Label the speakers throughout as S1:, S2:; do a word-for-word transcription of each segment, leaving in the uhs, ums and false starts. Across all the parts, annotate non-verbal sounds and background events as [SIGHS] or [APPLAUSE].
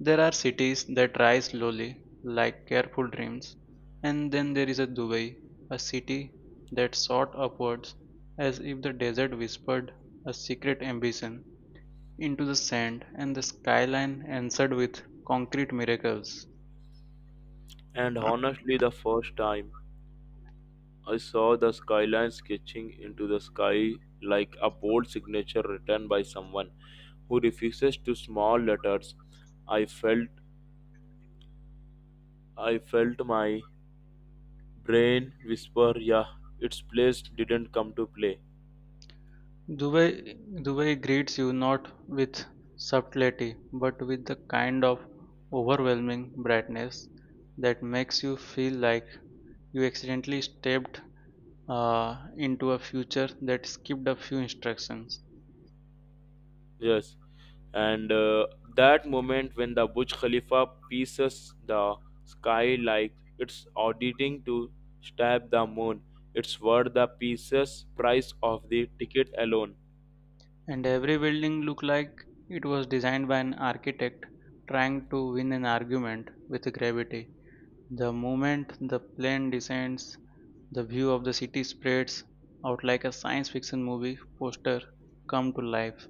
S1: There are cities that rise slowly, like careful dreams, and then there is a Dubai, a city that soared upwards as if the desert whispered a secret ambition into the sand and the skyline answered with concrete miracles.
S2: And honestly, the first time I saw the skyline sketching into the sky like a bold signature written by someone who refuses to small letters, I felt I felt my brain whisper, "Yeah, its place didn't come to play."
S1: Dubai, Dubai greets you not with subtlety but with the kind of overwhelming brightness that makes you feel like you accidentally stepped uh, into a future that skipped a few instructions.
S2: Yes, and uh, that moment when the Burj Khalifa pierces the sky like it's auditing to stab the moon, it's worth the pieces price of the ticket alone.
S1: And every building looked like it was designed by an architect trying to win an argument with gravity. The moment the plane descends, the view of the city spreads out like a science fiction movie poster come to life.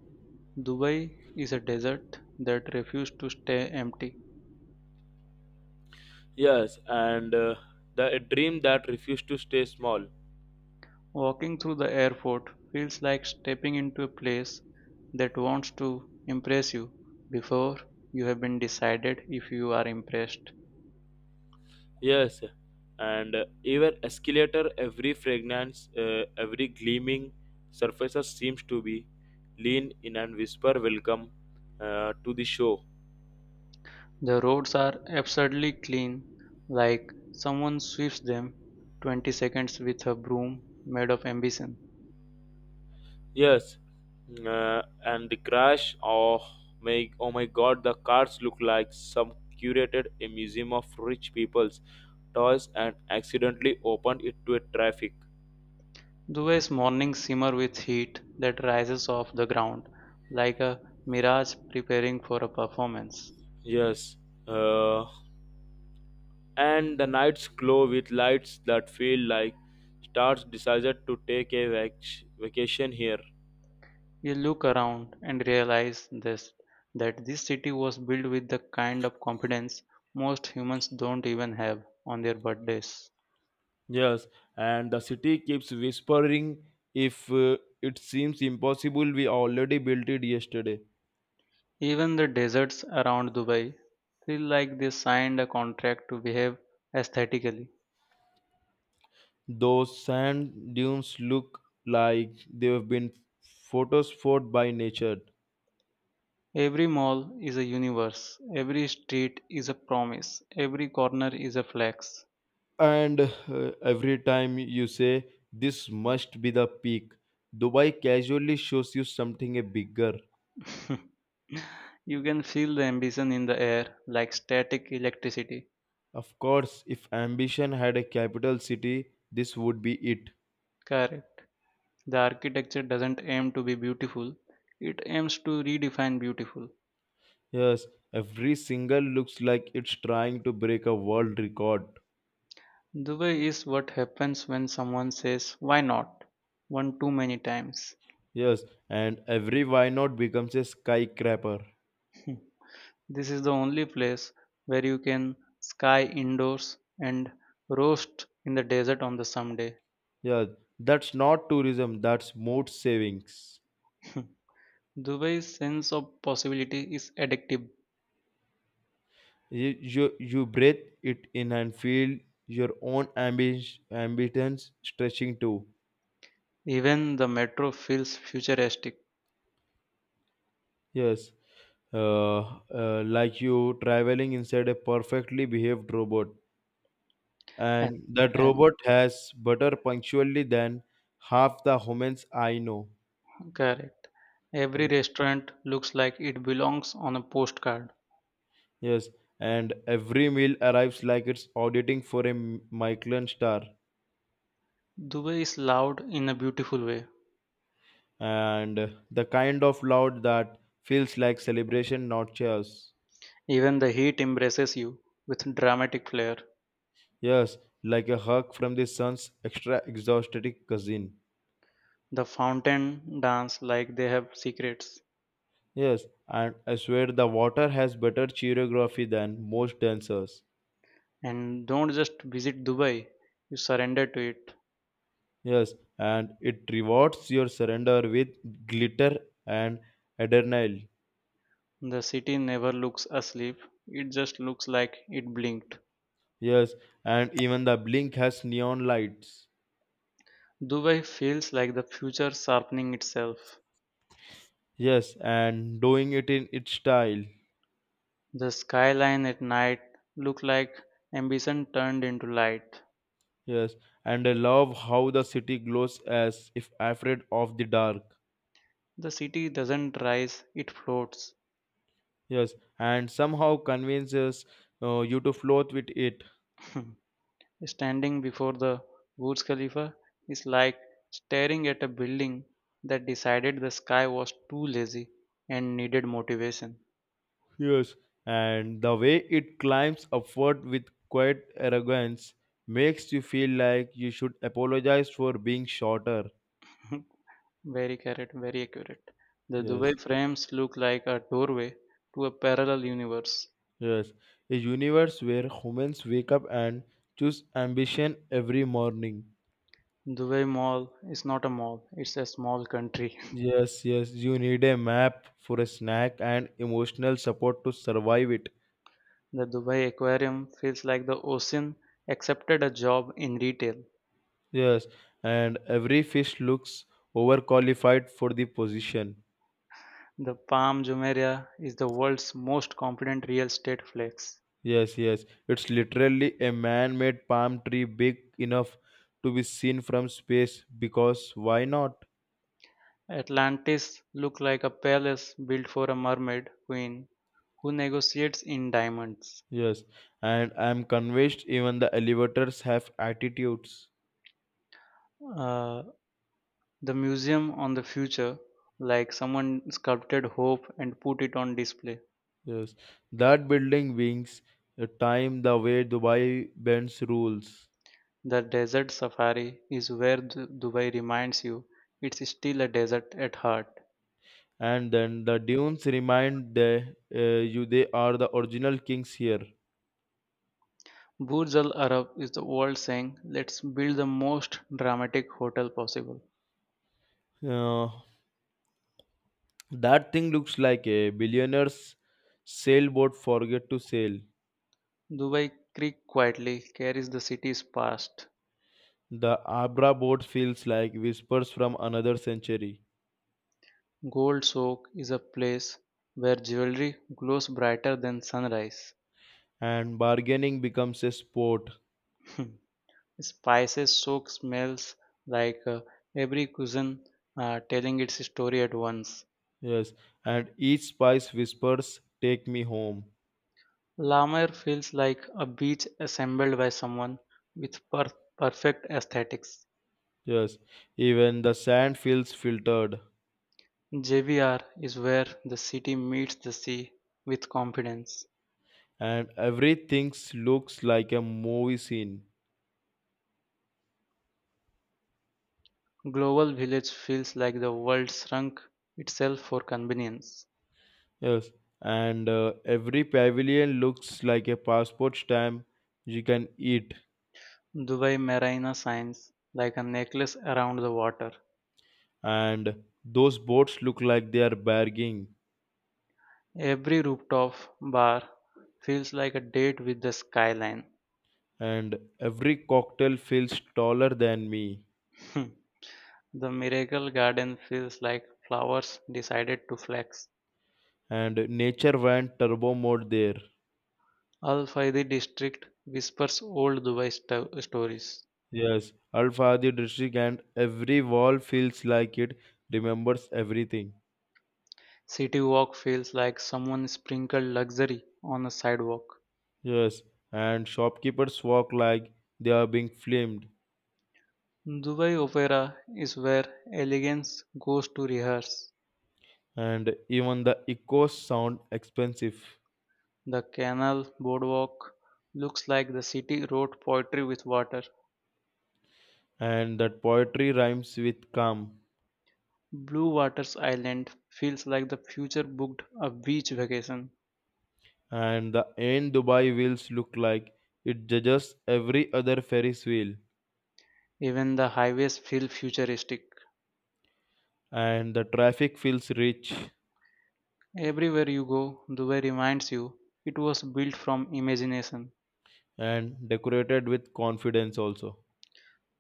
S1: Dubai is a desert that refused to stay empty.
S2: Yes, and uh, the a dream that refused to stay small.
S1: Walking through the airport feels like stepping into a place that wants to impress you before you have been decided if you are impressed.
S2: Yes, and uh, even escalator, every fragrance, uh, every gleaming surfaces seems to be lean in and whisper welcome uh, to the show.
S1: The roads are absurdly clean, like someone sweeps them twenty seconds with a broom made of ambition.
S2: Yes, uh, and the crash. Oh my! Oh my God! The cars look like some curated a museum of rich people's toys, and accidentally opened it to a traffic.
S1: Dubai's mornings simmer with heat that rises off the ground, like a mirage preparing for a performance.
S2: Yes, uh, and the nights glow with lights that feel like stars decided to take a vac- vacation here.
S1: You look around and realize this that this city was built with the kind of confidence most humans don't even have on their birthdays.
S2: Yes, and the city keeps whispering. If uh, it seems impossible, we already built it yesterday.
S1: Even the deserts around Dubai feel like they signed a contract to behave aesthetically.
S2: Those sand dunes look like they've been photosphoured by nature.
S1: Every mall is a universe, every street is a promise, every corner is a flex.
S2: And uh, every time you say, this must be the peak, Dubai casually shows you something a bigger.
S1: [LAUGHS] You can feel the ambition in the air like static electricity.
S2: Of course, if ambition had a capital city, this would be it.
S1: Correct. The architecture doesn't aim to be beautiful, it aims to redefine beautiful.
S2: Yes, every single looks like it's trying to break a world record.
S1: Dubai is what happens when someone says, "Why not?" one too many times.
S2: Yes, and every why not becomes a skyscraper.
S1: This is the only place where you can sky indoors and roast in the desert on the someday.
S2: Yeah, that's not tourism, that's mood savings.
S1: Dubai's sense of possibility is addictive.
S2: You, you, you breathe it in and feel your own ambi- ambience stretching too.
S1: Even the metro feels futuristic
S2: Yes, uh, uh, like you traveling inside a perfectly behaved robot.
S1: and,
S2: And that
S1: and
S2: robot has better punctually than half the humans I know.
S1: correct. Every
S2: Yes.
S1: restaurant looks like it belongs on a postcard.
S2: Yes, and every meal arrives like it's auditing for a M- Michelin star.
S1: Dubai is loud in a beautiful way.
S2: And the kind of loud that feels like celebration, not cheers.
S1: Even the heat embraces you with dramatic flair.
S2: Yes, like a hug from the sun's extra exhausted cousin.
S1: The fountain dance like they have secrets.
S2: Yes, and I swear the water has better choreography than most dancers.
S1: And don't just visit Dubai, you surrender to it.
S2: Yes, and it rewards your surrender with glitter and adrenaline.
S1: The city never looks asleep, it just looks like it blinked.
S2: Yes, and even the blink has neon lights.
S1: Dubai feels like the future sharpening itself.
S2: Yes, and doing it in its style.
S1: The skyline at night look like ambition turned into light.
S2: Yes, and I love how the city glows as if afraid of the dark.
S1: The city doesn't rise, it floats.
S2: Yes, and somehow convinces uh, you to float with it.
S1: [LAUGHS] Standing before the Burj Khalifa is like staring at a building that decided the sky was too lazy and needed motivation.
S2: Yes, and the way it climbs upward with quiet arrogance makes you feel like you should apologize for being shorter.
S1: [LAUGHS] Very correct, very accurate. The
S2: Yes,
S1: Dubai frames look like a doorway to a parallel universe.
S2: yes, a universe where humans wake up and choose ambition every morning.
S1: Dubai Mall is not a mall, it's a small country.
S2: Yes, yes, you need a map for a snack and emotional support to survive it.
S1: [LAUGHS] The Dubai Aquarium feels like the ocean accepted a job in retail.
S2: Yes, and every fish looks overqualified for the position.
S1: The Palm Jumeirah is the world's most confident real estate flex.
S2: Yes, yes, it's literally a man made palm tree big enough to be seen from space because why not?
S1: Atlantis looks like a palace built for a mermaid queen who negotiates in diamonds.
S2: Yes, and I'm convinced even the elevators have attitudes.
S1: Uh, the museum on the future, like someone sculpted hope and put it on display.
S2: Yes, that building wings the time the way Dubai bends rules.
S1: The desert safari is where Du- Dubai reminds you it's still a desert at heart.
S2: And then the dunes remind the, uh, you they are the original kings here.
S1: Burj Al Arab is the world saying, "Let's build the most dramatic hotel possible."
S2: Uh, that thing looks like a billionaire's sailboat forget to sail.
S1: Dubai Creek quietly carries the city's past.
S2: The Abra boat feels like whispers from another century,
S1: Gold Soak is a place where jewelry glows brighter than sunrise.
S2: and bargaining becomes a sport.
S1: [LAUGHS] Spices soak smells like uh, every cuisine uh, telling its story at once.
S2: Yes, and each spice whispers, take me home.
S1: Lamar feels like a beach assembled by someone with per- perfect aesthetics.
S2: Yes, even the sand feels filtered,
S1: J V R is where the city meets the sea with confidence.
S2: and everything looks like a movie scene.
S1: Global Village feels like the world shrunk itself for convenience.
S2: Yes, and uh, every pavilion looks like a passport stamp you can eat,
S1: Dubai Marina shines like a necklace around the water.
S2: and those boats look like they are bargaining,
S1: Every rooftop bar feels like a date with the skyline.
S2: and every cocktail feels taller than me,
S1: [LAUGHS] The Miracle Garden feels like flowers decided to flex.
S2: and nature went turbo mode there.
S1: Al Faidi district whispers old Dubai sto- stories.
S2: Yes, Al Fahdi district, and every wall feels like it remembers everything.
S1: City Walk feels like someone sprinkled luxury on a sidewalk.
S2: Yes, and shopkeepers walk like they are being filmed,
S1: Dubai Opera is where elegance goes to rehearse.
S2: and even the echoes sound expensive.
S1: The canal boardwalk looks like the city wrote poetry with water.
S2: And that poetry rhymes with calm,
S1: Blue Waters Island feels like the future booked a beach vacation.
S2: and the end Dubai wheels look like it judges every other Ferris wheel,
S1: Even the highways feel futuristic.
S2: and the traffic feels rich
S1: Everywhere you go, Dubai reminds you it was built from imagination.
S2: and decorated with confidence also.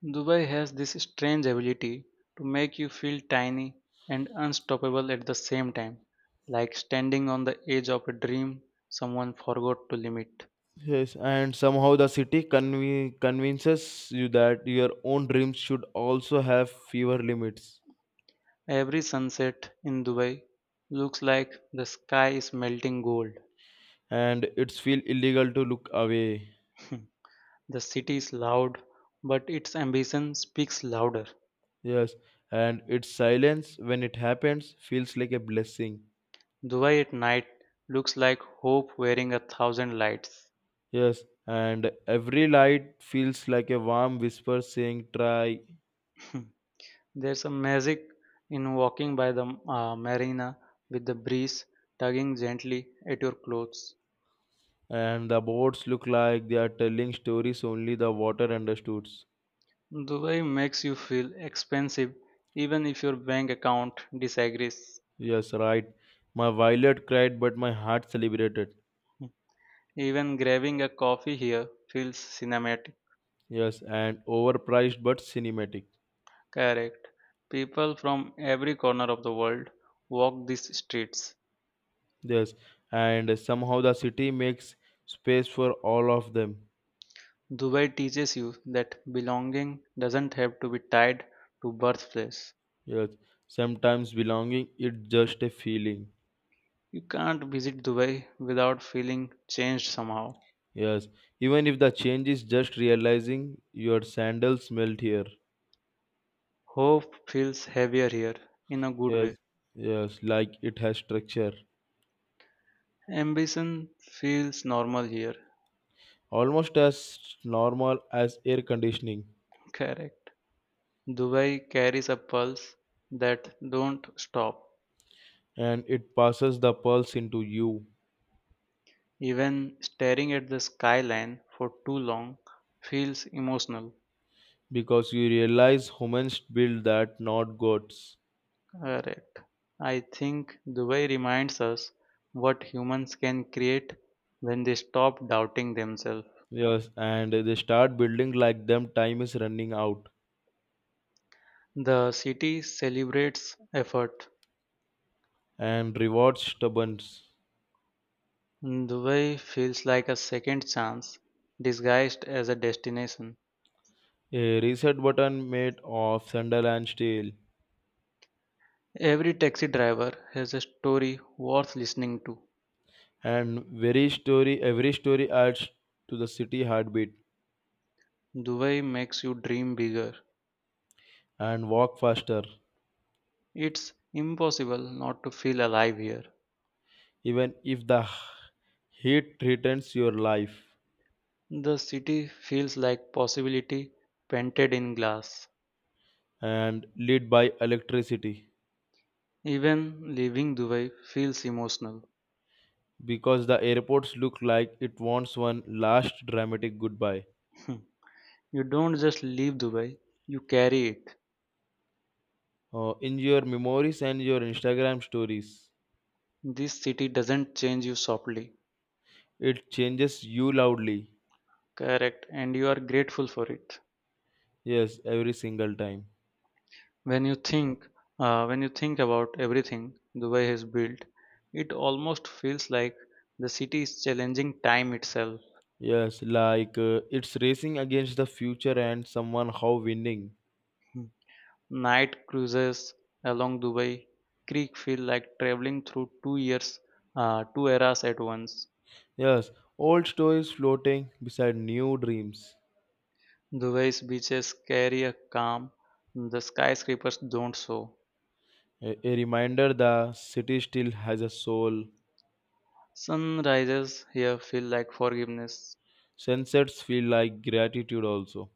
S1: Dubai has this strange ability to make you feel tiny and unstoppable at the same time, like standing on the edge of a dream someone forgot to limit.
S2: Yes, and somehow the city conve- convinces you that your own dreams should also have fewer limits,
S1: Every sunset in Dubai looks like the sky is melting gold.
S2: and it's feel illegal to look away.
S1: [LAUGHS] The city is loud, but its ambition speaks louder.
S2: Yes, and its silence when it happens feels like a blessing.
S1: Dubai at night looks like hope wearing a thousand lights.
S2: Yes, and every light feels like a warm whisper saying try,
S1: [LAUGHS] There's a magic in walking by the uh, marina with the breeze tugging gently at your clothes.
S2: and the boats look like they are telling stories only the water understood.
S1: Dubai makes you feel expensive even if your bank account disagrees.
S2: Yes, right. My violet cried, but my heart celebrated.
S1: Hmm. Even grabbing a coffee here feels cinematic.
S2: Yes, and overpriced but cinematic.
S1: Correct. People from every corner of the world walk these streets.
S2: Yes, and somehow the city makes space for all of them.
S1: Dubai teaches you that belonging doesn't have to be tied to birthplace.
S2: Yes, sometimes belonging is just a feeling.
S1: You can't visit Dubai without feeling changed somehow.
S2: Yes, even if the change is just realizing your sandals smelled here.
S1: Hope feels heavier here in a good
S2: Yes,
S1: way.
S2: yes, like it has structure,
S1: Ambition feels normal here.
S2: almost as normal as air conditioning,
S1: Correct. Dubai carries a pulse that don't stop.
S2: and it passes the pulse into you
S1: Even staring at the skyline for too long feels emotional.
S2: because you realize humans build that, not gods.
S1: Correct. I think Dubai reminds us what humans can create when they stop doubting themselves.
S2: Yes, and they start building like them. Time is running out,
S1: The city celebrates effort.
S2: and rewards stubborn.
S1: Dubai feels like a second chance disguised as a destination.
S2: A reset button made of sandal and steel,
S1: Every taxi driver has a story worth listening to.
S2: and very story. Every story adds to the city heartbeat
S1: Dubai makes you dream bigger.
S2: and walk faster.
S1: It's impossible not to feel alive here.
S2: Even if the heat threatens your life
S1: The city feels like possibility painted in glass.
S2: and lead by electricity
S1: Even leaving Dubai feels emotional.
S2: because the airports look like it wants one last dramatic goodbye.
S1: [LAUGHS] You don't just leave Dubai, you carry it.
S2: Uh, in your memories and your instagram stories
S1: This city doesn't change you softly.
S2: it changes you loudly.
S1: Correct, and you are grateful for it.
S2: Yes, every single time.
S1: When you think, uh, when you think about everything Dubai has built, it almost feels like the city is challenging time itself.
S2: Yes, like uh, it's racing against the future and someone how winning.
S1: Hmm. Night cruises along Dubai Creek feel like traveling through two years, uh, two eras at once.
S2: Yes, old stories floating beside new dreams,
S1: Dubai's beaches carry a calm the skyscrapers don't show.
S2: a, a reminder the city still has a soul.
S1: Sunrises here feel like forgiveness.
S2: Sunsets feel like gratitude also,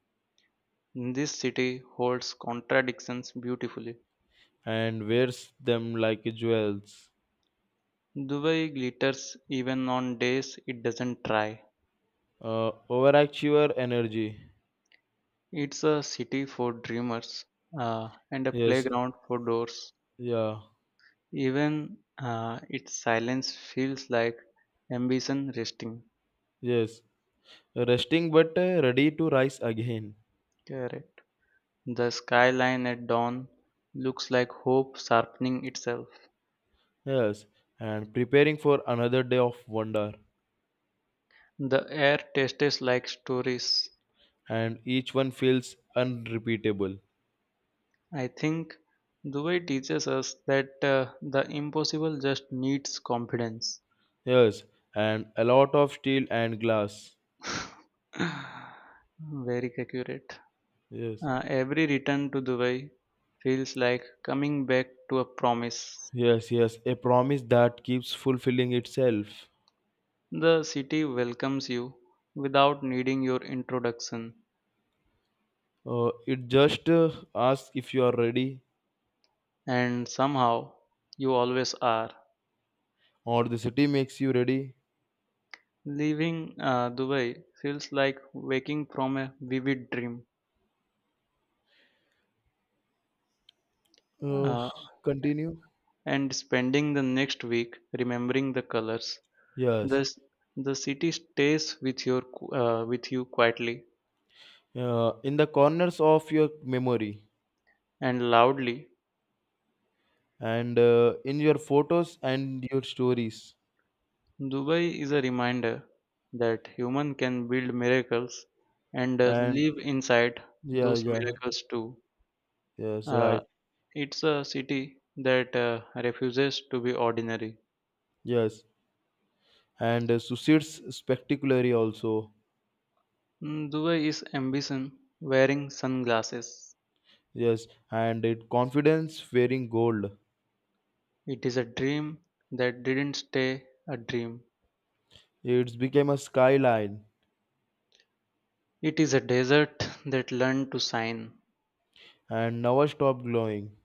S1: This city holds contradictions beautifully.
S2: and wears them like jewels.
S1: Dubai glitters even on days it doesn't try.
S2: Uh, overachiever energy.
S1: It's a city for dreamers uh, and a
S2: Yes,
S1: playground for doors.
S2: yeah,
S1: Even uh, its silence feels like ambition resting.
S2: yes. Resting but uh, ready to rise again.
S1: Correct. The skyline at dawn looks like hope sharpening itself.
S2: Yes, and preparing for another day of wonder.
S1: The air tastes like stories.
S2: And each one feels unrepeatable.
S1: I think Dubai teaches us that uh, the impossible just needs confidence.
S2: Yes, and a lot of steel and glass.
S1: [SIGHS] Very accurate.
S2: Yes,
S1: Uh, every return to Dubai feels like coming back to a promise.
S2: yes, yes. A promise that keeps fulfilling itself.
S1: The city welcomes you without needing your introduction,
S2: Uh, it just uh, asks if you are ready
S1: and somehow you always are.
S2: or the city makes you ready.
S1: Leaving uh, Dubai feels like waking from a vivid dream.
S2: Uh,
S1: Uh,
S2: Continue.
S1: and spending the next week remembering the colors. The,
S2: Yes,
S1: s- the city stays with, your, qu- uh, with you quietly
S2: uh, in the corners of your memory
S1: and loudly.
S2: and uh, in your photos and your stories.
S1: Dubai is a reminder that human can build miracles and uh,
S2: And
S1: live inside
S2: yeah,
S1: those
S2: yeah,
S1: miracles too.
S2: yes,
S1: Uh,
S2: right,
S1: it's a city that uh, refuses to be ordinary.
S2: yes. And uh, Suicde's spectacularly also.
S1: Mm, Dubai is ambition wearing sunglasses.
S2: Yes, and it confidence wearing gold.
S1: It is a dream that didn't stay a dream.
S2: It's became a skyline
S1: It is a desert that learned to sign.
S2: and never stop glowing.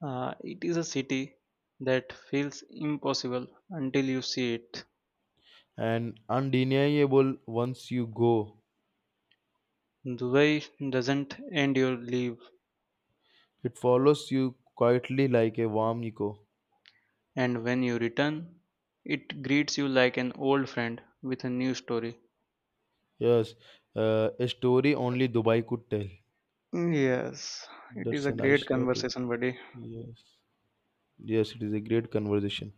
S1: Uh, it is a city that feels impossible until you see it.
S2: And undeniable once you go,
S1: Dubai doesn't end your leave,
S2: it follows you quietly like a warm echo.
S1: and when you return, it greets you like an old friend with a new story.
S2: Yes, uh, a story only Dubai could tell.
S1: Yes, it is
S2: That's
S1: a
S2: a nice
S1: great
S2: topic.
S1: conversation, buddy.
S2: Yes, yes, it is a great conversation.